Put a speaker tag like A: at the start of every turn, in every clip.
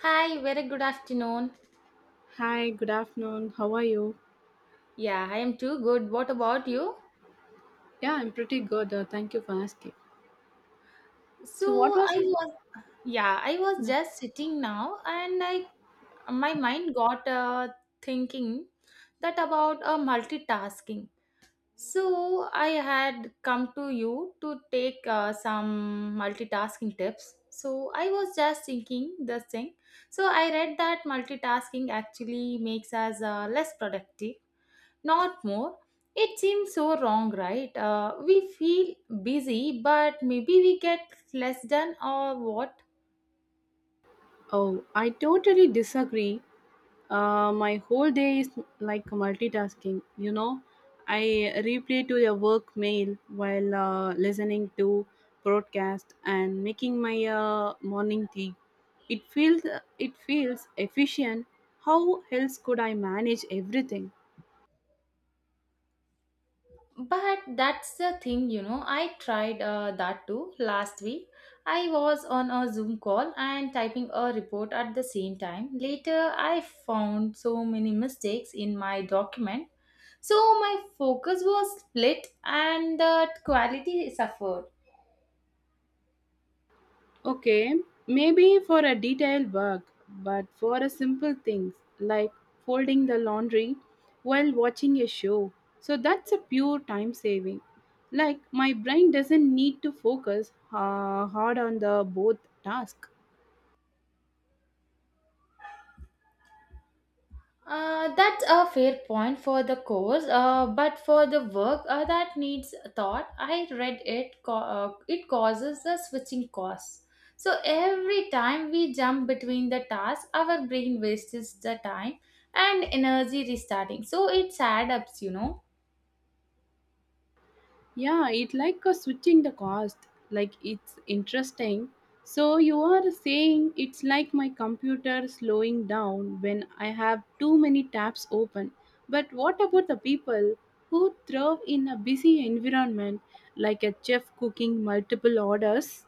A: Hi, very good afternoon.
B: Hi, good afternoon. How are you?
A: Yeah, I am too good. What about you?
B: Yeah, I'm pretty good. Thank you for asking.
A: So
B: So, what was
A: I
B: it?
A: was, yeah, I was
B: No.
A: just sitting now, and I my mind got thinking that about multitasking. So I had come to you to take some multitasking tips. So I was just thinking this thing. So I read that multitasking actually makes us less productive not more. It seems so wrong, right? We feel busy, but maybe we get less done or what?
B: Oh, I totally disagree. My whole day is like multitasking. You know, I replay to a work mail while listening to broadcast and making my morning tea. It feels efficient. How else could I manage everything?
A: But that's the thing, you know. I tried that too last week. I was on a Zoom call and typing a report at the same time. Later, I found so many mistakes in my document. So, my focus was split and the quality suffered.
B: Okay, maybe for a detailed work, but for a simple things like folding the laundry while watching a show. So that's a pure time saving. Like my brain doesn't need to focus hard on the both task.
A: That's a fair point for the course, but for the work that needs thought, I read it. It causes the switching costs. So every time we jump between the tasks, our brain wastes the time and energy restarting. So it adds up, you know.
B: Yeah, it like switching the cost. Like it's interesting. So you are saying it's like my computer slowing down when I have too many tabs open. But what about the people who thrive in a busy environment, like a chef cooking multiple orders?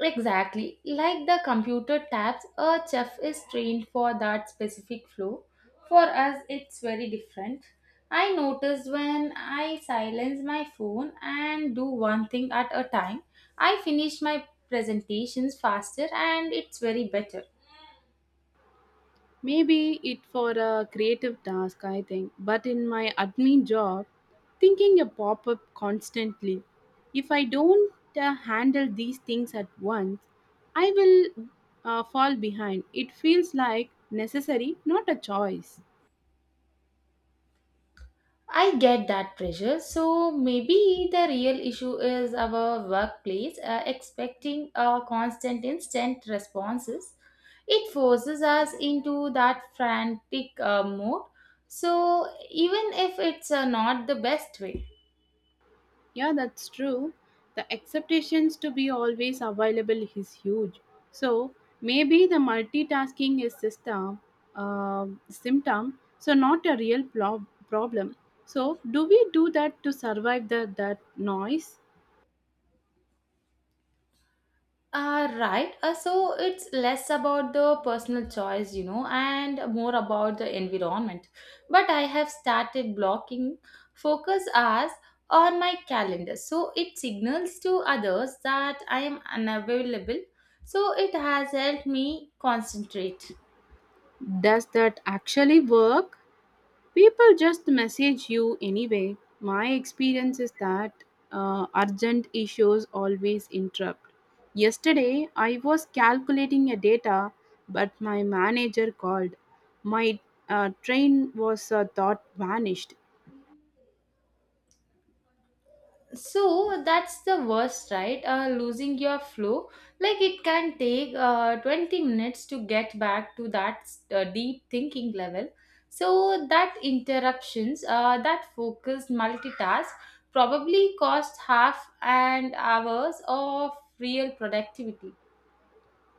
A: Exactly. Like the computer tabs, a chef is trained for that specific flow. For us, it's very different. I notice when I silence my phone and do one thing at a time, I finish my presentations faster and it's very better.
B: Maybe it for a creative task, I think. But in my admin job, thinking a pop up constantly. If I don't handle these things at once, I will fall behind. It feels like necessary, not a choice.
A: I get that pressure. So maybe the real issue is our workplace expecting constant, instant responses. It forces us into that frantic mode. So even if it's not the best way.
B: Yeah, that's true. The expectations to be always available is huge. So maybe the multitasking is system symptom, so not a real problem. So do we do that to survive that noise?
A: Right. So it's less about the personal choice, you know, and more about the environment. But I have started blocking focus hours on my calendar. So it signals to others that I am unavailable. So it has helped me concentrate.
B: Does that actually work? People just message you anyway. My experience is that urgent issues always interrupt. Yesterday, I was calculating a data, but my manager called. My train was thought vanished.
A: So that's the worst, right? Losing your flow, like it can take 20 minutes to get back to that deep thinking level. So that interruptions, that focused multitask, probably cost half an hours of real productivity.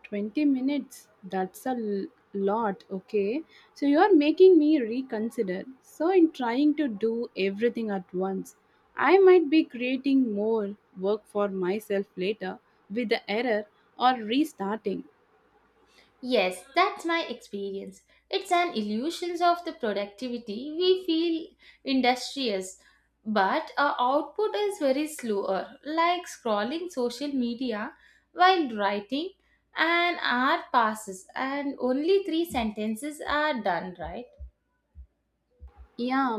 B: 20 minutes, that's a lot. Okay, so you're making me reconsider. So in trying to do everything at once, I might be creating more work for myself later with the error or restarting.
A: Yes, that's my experience. It's an illusion of the productivity. We feel industrious, but our output is very slower, like scrolling social media while writing, an hour passes and only three sentences are done, right?
B: Yeah,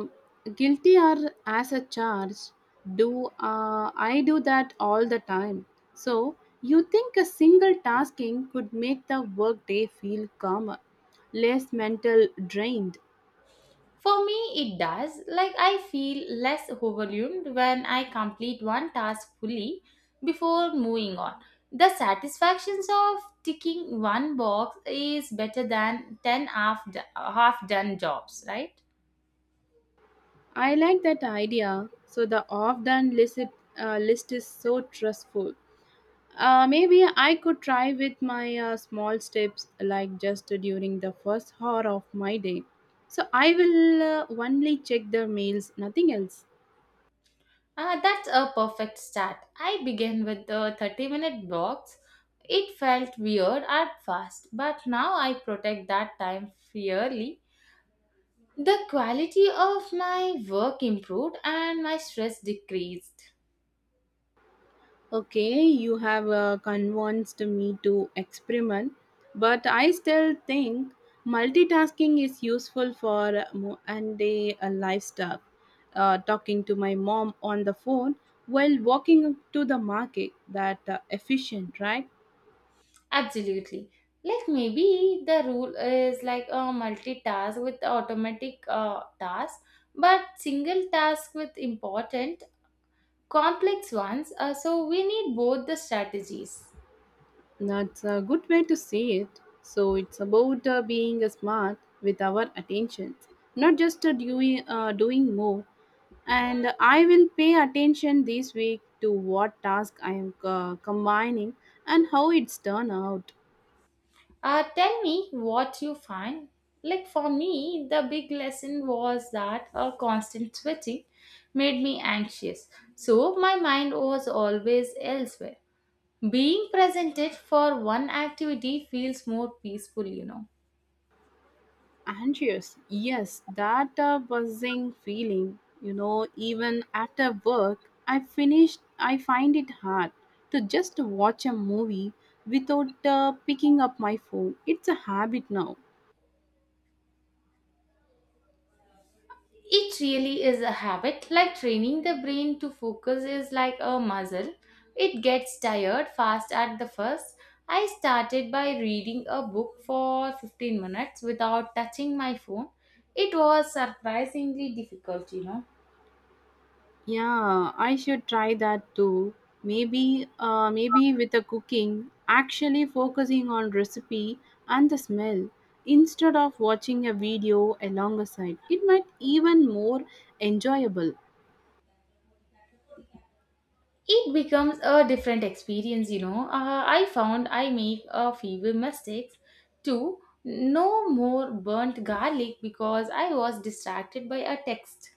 B: guilty are as a charge. Do uh, i do that all the time. So you think a single tasking could make the workday feel calmer, less mental drained.
A: For me, it does. Like, I feel less overwhelmed when I complete one task fully before moving on. The satisfactions of ticking one box is better than 10 half, half done jobs, right?
B: I like that idea. So the off done list is so trustful. Maybe I could try with my small steps, like just during the first hour of my day. So I will only check the mails, nothing else.
A: That's a perfect start. I began with the 30-minute box. It felt weird at first, but now I protect that time fairly. The quality of my work improved and my stress decreased.
B: Okay, you have convinced me to experiment, but I still think multitasking is useful for and day lifestyle. Talking to my mom on the phone while walking to the market, that efficient, right?
A: Absolutely. Like maybe the rule is like a multitask with automatic task, but single task with important, complex ones. So we need both the strategies.
B: That's a good way to see it. So it's about being smart with our attentions, not just doing more. And I will pay attention this week to what task I am combining and how it's turned out.
A: Tell me what you find. Like for me, the big lesson was that a constant switching made me anxious. So my mind was always elsewhere. Being presented for one activity feels more peaceful, you know.
B: Anxious, yes, that buzzing feeling, you know. Even after work I finished, I find it hard to just watch a movie without picking up my phone. It's a habit now.
A: It really is a habit, like training the brain to focus is like a muscle. It gets tired fast at the first. I started by reading a book for 15 minutes without touching my phone. It was surprisingly difficult, you know.
B: Yeah, I should try that too. Maybe with the cooking, actually focusing on recipe and the smell instead of watching a video alongside. It might even more enjoyable.
A: It becomes a different experience, you know. I found I make a few mistakes too. No more burnt garlic because I was distracted by a text.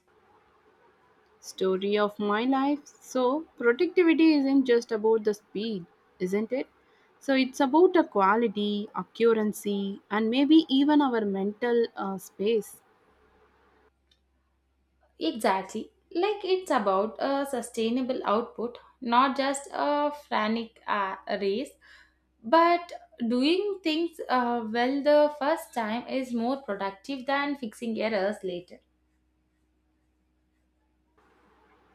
B: Story of my life. So productivity isn't just about the speed, isn't it? So it's about the quality, accuracy, and maybe even our mental space.
A: Exactly. Like it's about a sustainable output, not just a frantic race. But doing things well the first time is more productive than fixing errors later.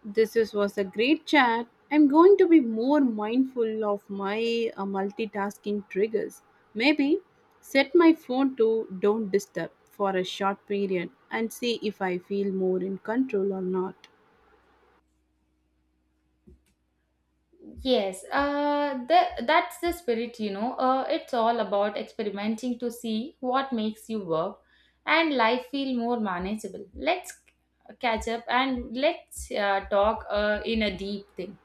B: Was a great chat. I'm going to be more mindful of my multitasking triggers. Maybe set my phone to don't disturb for a short period and see if I feel more in control or not.
A: Yes, that's the spirit, you know. It's all about experimenting to see what makes you work and life feel more manageable. Let's catch up and let's talk in a deep thing.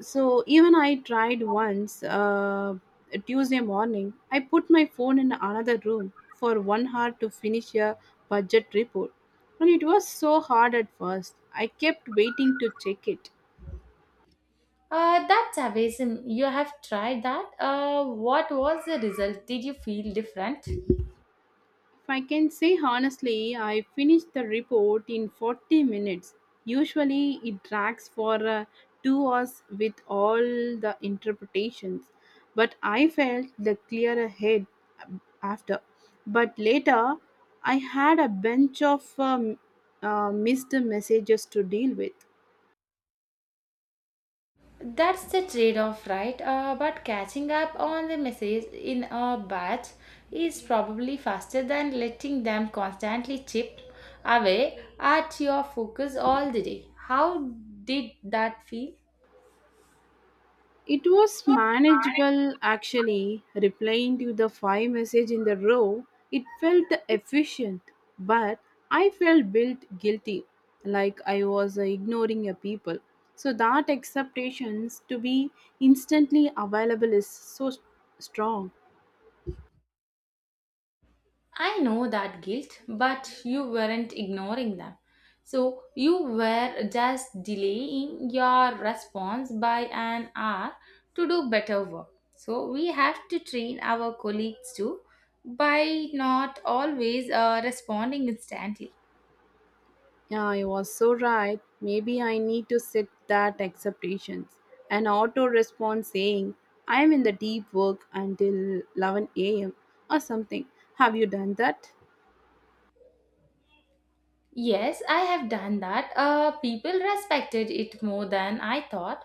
B: So, even I tried once, a Tuesday morning, I put my phone in another room for 1 hour to finish a budget report. And it was so hard at first. I kept waiting to check it.
A: That's amazing. You have tried that. What was the result? Did you feel different?
B: If I can say honestly, I finished the report in 40 minutes. Usually, it drags for 2 hours with all the interpretations. But I felt the clearer head after. But later, I had a bunch of missed messages to deal with.
A: That's the trade off, right? But catching up on the messages in a batch is probably faster than letting them constantly chip away at your focus all the day. How did that feel?
B: It was manageable actually, replying to the five message in the row. It felt efficient, but I felt built guilty, like I was ignoring a people. So that expectations to be instantly available is so strong.
A: I know that guilt, but you weren't ignoring them. So you were just delaying your response by an hour to do better work. So we have to train our colleagues too by not always responding instantly.
B: Yeah, you was so right. Maybe I need to set that expectations. An auto response saying, I am in the deep work until 11 a.m. or something. Have you done that?
A: Yes, I have done that. People respected it more than I thought.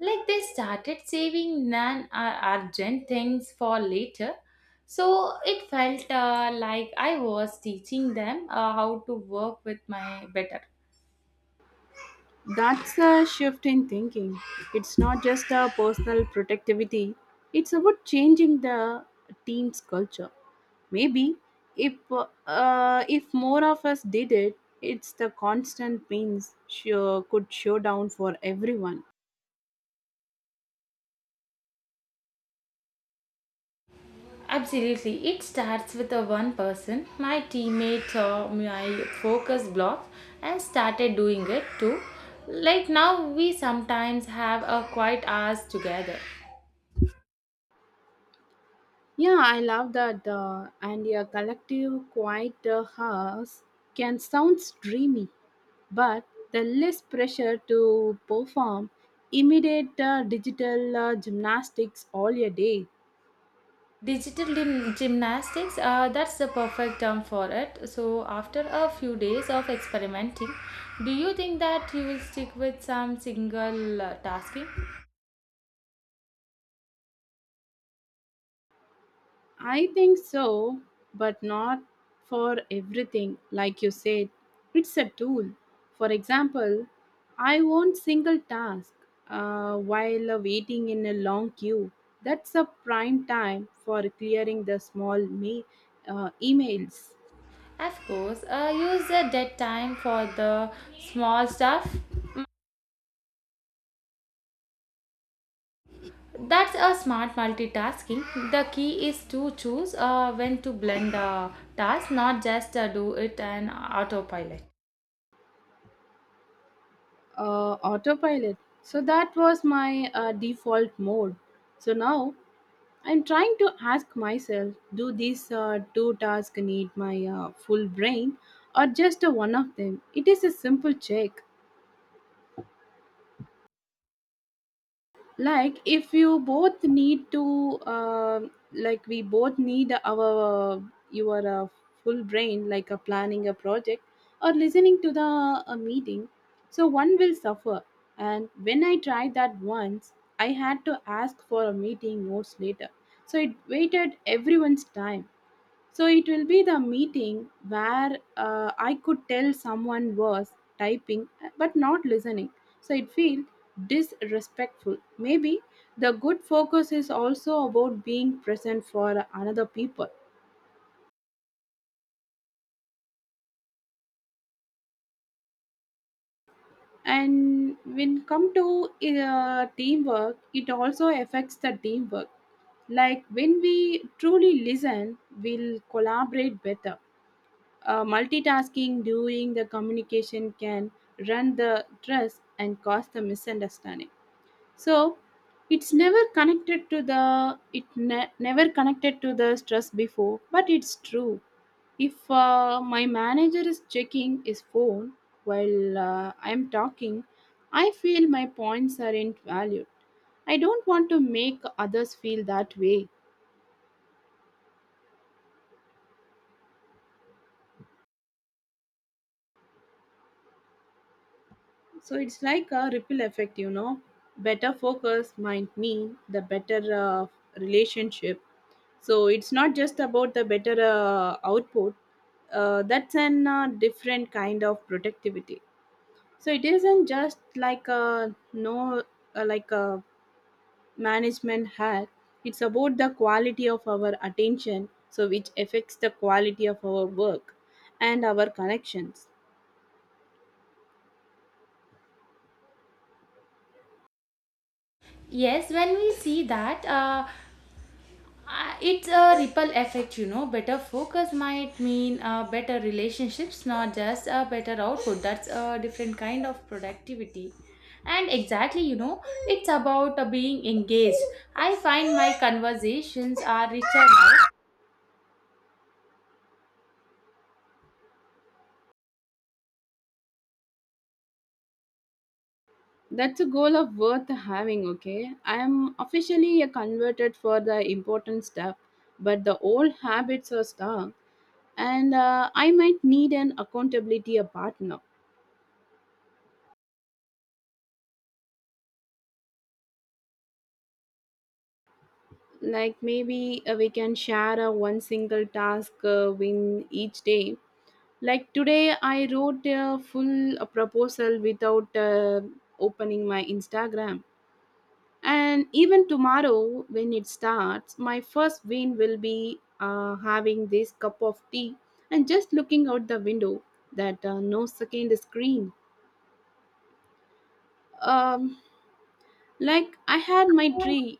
A: Like they started saving non urgent things for later. So it felt like I was teaching them how to work with my better.
B: That's a shift in thinking. It's not just a personal protectivity, it's about changing the team's culture. Maybe if more of us did it, it's the constant pains sure could show down for everyone.
A: Absolutely. It starts with a one person, my teammate, my focus block, and started doing it too. Like now, we sometimes have a quiet hours together.
B: Yeah, I love that. And a collective quiet house can sound dreamy, but the less pressure to perform immediate digital gymnastics all your day.
A: Digital gymnastics, that's the perfect term for it. So, after a few days of experimenting, do you think that you will stick with some single tasking?
B: I think so, but not for everything. Like you said, it's a tool. For example, I want single task while waiting in a long queue. That's a prime time for clearing the small emails.
A: Of course, use the dead time for the small stuff. That's a smart multitasking. The key is to choose when to blend the task, not just do it on autopilot.
B: Autopilot. So that was my default mode. So now I'm trying to ask myself, do these two tasks need my full brain or just one of them? It is a simple check. Like if you both need to like we both need our your full brain, like planning a project or listening to the a meeting, so one will suffer. And when I tried that once, I had to ask for a meeting notes later. So it waited everyone's time. So it will be the meeting where I could tell someone was typing but not listening. So it feels disrespectful. Maybe the good focus is also about being present for another people. And when come to teamwork, it also affects the teamwork. Like when we truly listen, we'll collaborate better. Multitasking during the communication can run the trust and cause the misunderstanding. So it's never connected to the it ne- never connected to the stress before, but it's true. If my manager is checking his phone while I'm talking, I feel my points aren't valued. I don't want to make others feel that way. So it's like a ripple effect, you know. Better focus might mean the better relationship. So it's not just about the better output. That's an different kind of productivity. So it isn't just like a no, like a management hack. It's about the quality of our attention, so which affects the quality of our work and our connections.
A: Yes, when we see that, it's a ripple effect, you know. Better focus might mean better relationships, not just a better output. That's a different kind of productivity. And exactly, you know, it's about being engaged. I find my conversations are richer now.
B: That's a goal of worth having, okay? I am officially a converted for the important stuff, but the old habits are stuck. And I might need an accountability a partner. Like maybe we can share a one single task win each day. Like today, I wrote a full proposal without opening my Instagram. And even tomorrow, when it starts, my first win will be having this cup of tea and just looking out the window, that no second screen. Um, like I had my tree.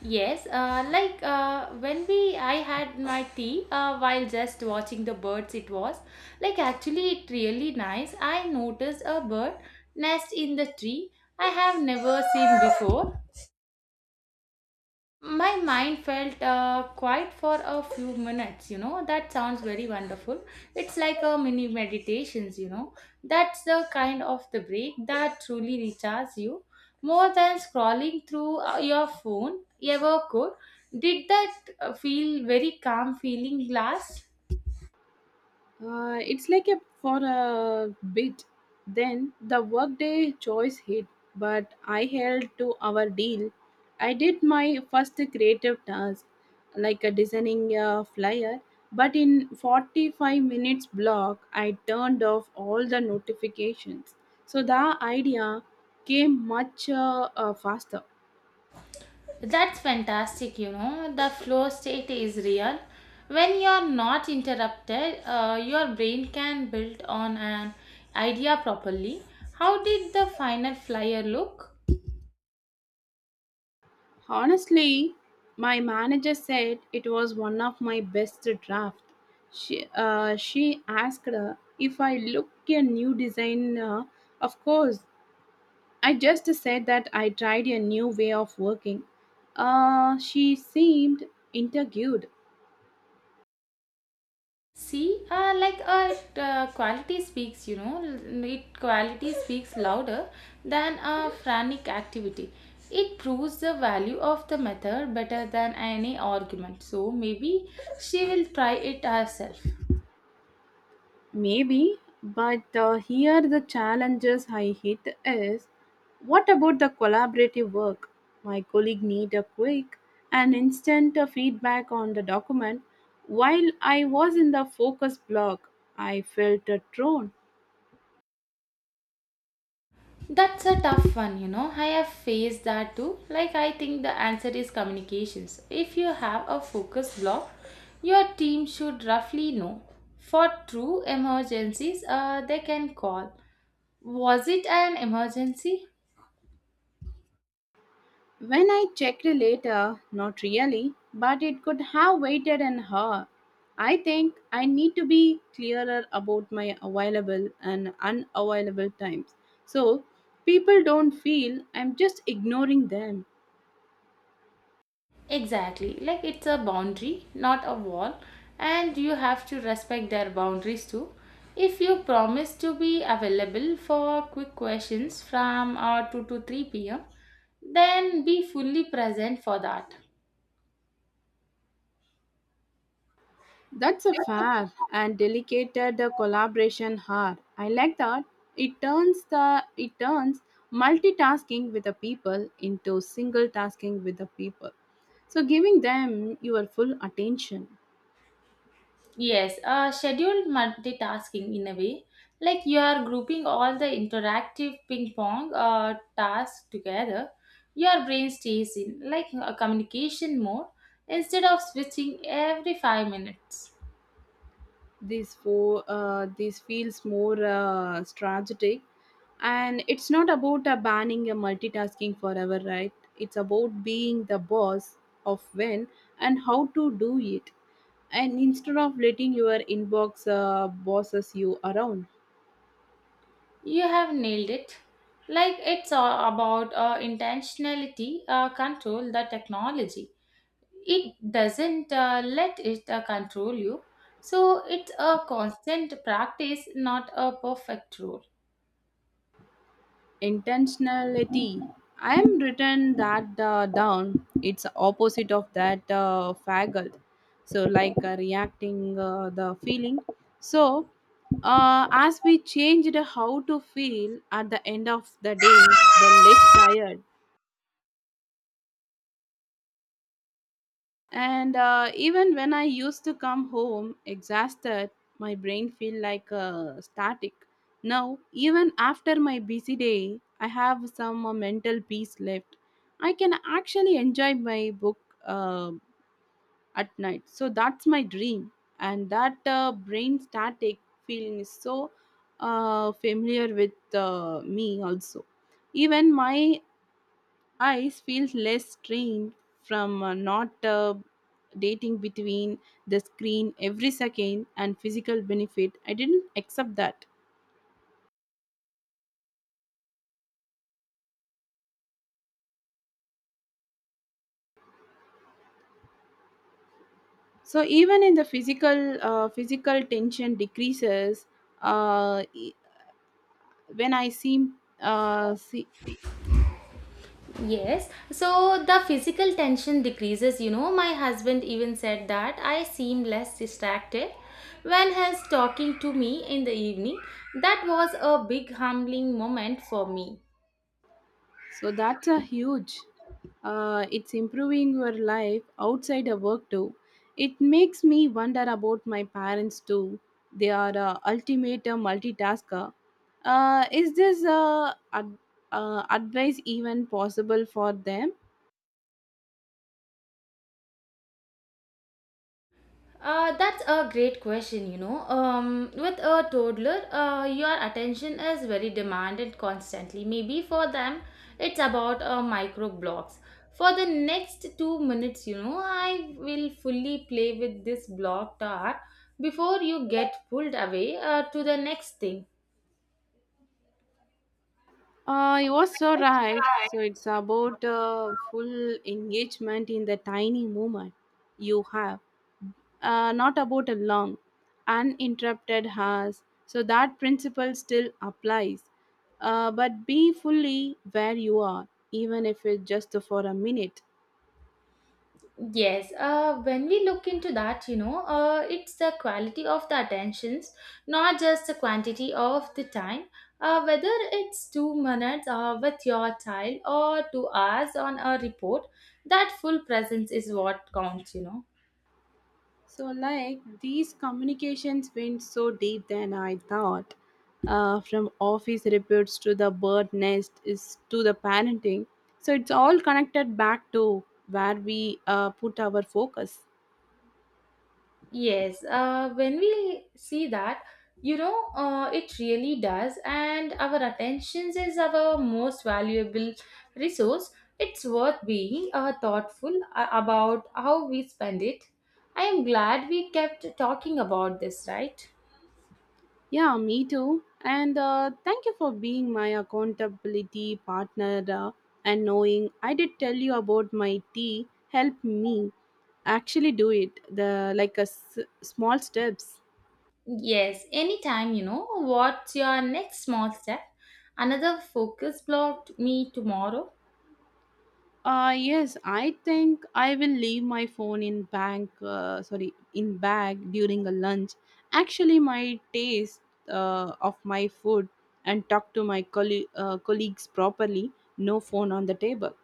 A: Yes, like when we I had my tea while just watching the birds. It was like actually it really nice. I noticed a bird nest in the tree I have never seen before. My mind felt quiet for a few minutes, you know. That sounds very wonderful. It's like a mini meditations, you know. That's the kind of the break that truly recharges you, more than scrolling through your phone ever could. Did that feel very calm feeling last?
B: It's like a for a bit. Then the workday choice hit, but I held to our deal. I did my first creative task, like a designing a flyer. But in 45 minutes block, I turned off all the notifications. So the idea came much faster.
A: That's fantastic, you know. The flow state is real. When you're not interrupted, your brain can build on an idea properly. How did the final flyer look?
B: Honestly, my manager said it was one of my best drafts. She asked if I looked a new design. Of course, I just said that I tried a new way of working. She seemed intrigued.
A: See, quality speaks, you know, it quality speaks louder than a frantic activity. It proves the value of the method better than any argument. So maybe she will try it herself.
B: Maybe, but here the challenges I hit is, what about the collaborative work? My colleague need a quick and instant feedback on the document. While I was in the focus block, I felt a drone.
A: That's a tough one, you know. I have faced that too. Like, I think the answer is communications. If you have a focus block, your team should roughly know. For true emergencies, they can call. Was it an emergency?
B: When I checked later, not really, but it could have waited an hour. I think I need to be clearer about my available and unavailable times. So people don't feel I'm just ignoring them.
A: Exactly. Like it's a boundary, not a wall, and you have to respect their boundaries too. If you promise to be available for quick questions from 2 to 3 p.m., then be fully present for that.
B: That's a fair and delicate collaboration hard. I like that. It turns multitasking with the people into single tasking with the people. So giving them your full attention.
A: Yes, scheduled multitasking in a way. Like you are grouping all the interactive ping pong tasks together, your brain stays in like a communication mode instead of switching every 5 minutes.
B: This for this feels more strategic. And it's not about banning a multitasking forever, right? It's about being the boss of when and how to do it, and instead of letting your inbox bosses you around.
A: You have nailed it. Like it's about intentionality, control the technology. It doesn't let it control you. So it's a constant practice, not a perfect rule.
B: Intentionality, I am written that down. It's opposite of that faggot. So like reacting the feeling. So as we changed how to feel at the end of the day, the less tired. And even when I used to come home exhausted, my brain feel like static. Now, even after my busy day, I have some mental peace left. I can actually enjoy my book uh, at night. So that's my dream. And that brain static feeling is so familiar with me also. Even my eyes feels less strained from not dating between the screen every second. And physical benefit, I didn't accept that. So even in the physical tension decreases. E- when I seem See.
A: Yes, so the physical tension decreases. You know, my husband even said that I seem less distracted when he's talking to me in the evening. That was a big humbling moment for me.
B: So that's a huge. It's improving your life outside of work too. It makes me wonder about my parents too. They are ultimate multitasker. Is this advice even possible for them?
A: That's a great question, you know. With a toddler, your attention is very demanded constantly. Maybe for them, it's about micro blocks. For the next 2 minutes, you know, I will fully play with this block tar before you get pulled away to the next thing.
B: You were so right. So it's about full engagement in the tiny moment you have, not about a long, uninterrupted has. So that principle still applies. But be fully where you are, even if it's just for a minute.
A: Yes, when we look into that, you know, it's the quality of the attentions, not just the quantity of the time. Whether it's 2 minutes with your child or 2 hours on a report, that full presence is what counts, you know.
B: So, like these communications went so deep than I thought. From office reports to the bird nest is to the parenting. So it's all connected back to where we put our focus.
A: Yes, when we see that, you know, it really does, and our attentions is our most valuable resource. It's worth being thoughtful about how we spend it. I am glad we kept talking about this, right?
B: Yeah, me too. And thank you for being my accountability partner and knowing I did tell you about my tea. Help me actually do it. The like a small steps.
A: Yes, anytime, you know, what's your next small step? Another focus blocked me tomorrow.
B: Yes, I think I will leave my phone in bank. Sorry, in bag during a lunch. Actually, my taste of my food and talk to my colleagues properly. No phone on the table.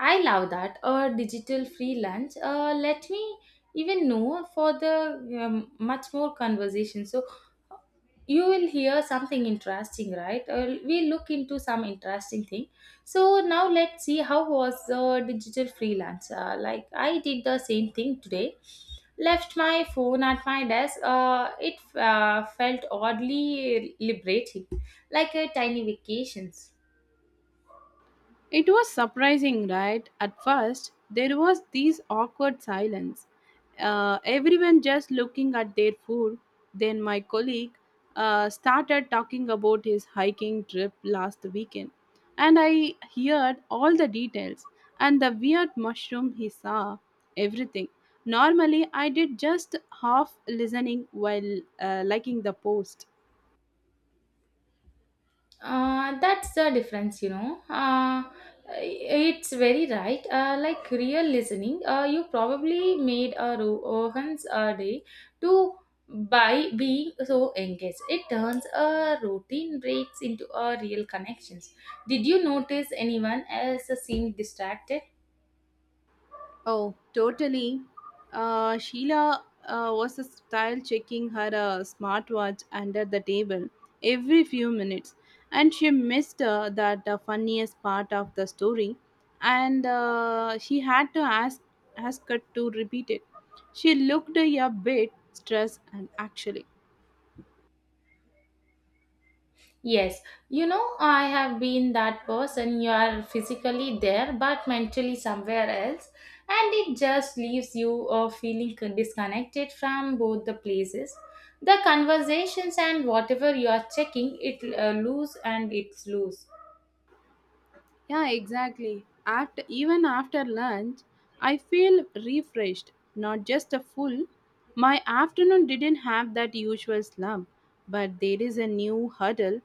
A: I love that. A digital free lunch. Let me even know for the much more conversation. So you will hear something interesting, right? We look into some interesting thing. So now let's see how was the digital freelance. Like I did the same thing today. Left my phone at my desk. It felt oddly liberating, like a tiny vacations.
B: It was surprising, right? At first, there was this awkward silence. Everyone just looking at their food. Then my colleague started talking about his hiking trip last weekend, and I heard all the details and the weird mushroom he saw. Everything. Normally, I did just half listening while liking the post.
A: That's the difference, you know. It's very right. Like real listening, you probably made a Rohan's day to by being so engaged. It turns a routine breaks into a real connections. Did you notice anyone else seemed distracted?
B: Oh, totally. Sheila was a style checking her smartwatch under the table every few minutes, and she missed that funniest part of the story, and she had to ask ask her to repeat it. She looked a bit stressed, and actually.
A: Yes, you know, I have been that person. You are physically there, but mentally somewhere else, and it just leaves you feeling disconnected from both the places. The conversations and whatever you are checking, it lose and it's loose.
B: Yeah, exactly. After Even after lunch, I feel refreshed, not just a full. My afternoon didn't have that usual slump, but there is a new hurdle.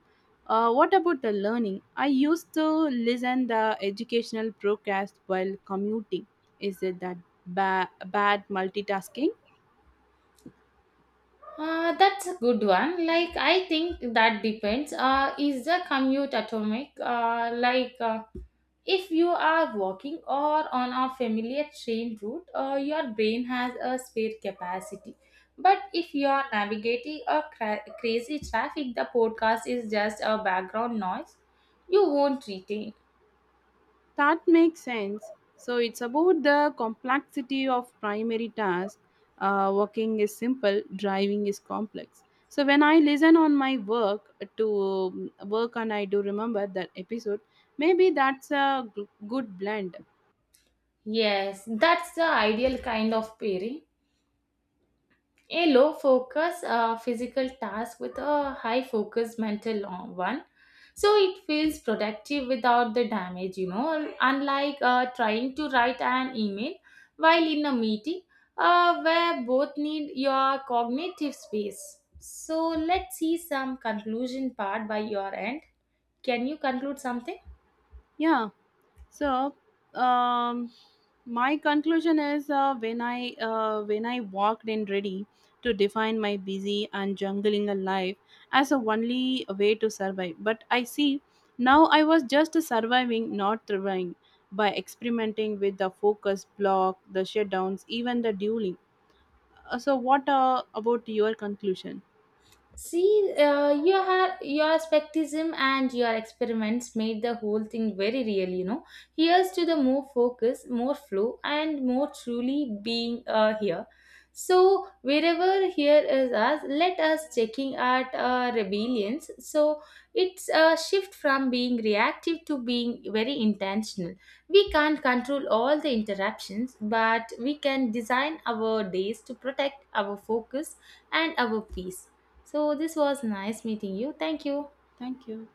B: What about the learning? I used to listen the educational broadcast while commuting. Is it that bad multitasking?
A: That's a good one. Like I think that depends. Is the commute atomic? If you are walking or on a familiar train route, your brain has a spare capacity. But if you are navigating a crazy traffic, the podcast is just a background noise you won't retain.
B: That makes sense. So it's about the complexity of primary tasks. Walking is simple, driving is complex. So when I listen on my to work, and I do remember that episode, maybe that's a good blend.
A: Yes, that's the ideal kind of pairing. A low focus physical task with a high focus mental one. So it feels productive without the damage, you know, unlike trying to write an email while in a meeting where both need your cognitive space. So let's see some conclusion part by your end. Can you conclude something?
B: Yeah. So, um, my conclusion is when I walked in ready to define my busy and jungling a life as a only way to survive. But I see now I was just surviving, not thriving, by experimenting with the focus block, the shutdowns, even the dueling. So, what about your conclusion?
A: See, your skepticism and your experiments made the whole thing very real. You know, here's to the more focus, more flow, and more truly being here. So wherever here is us, let us checking at rebellions. So it's a shift from being reactive to being very intentional. We can't control all the interruptions, but we can design our days to protect our focus and our peace. So this was nice meeting you. Thank you.
B: Thank you.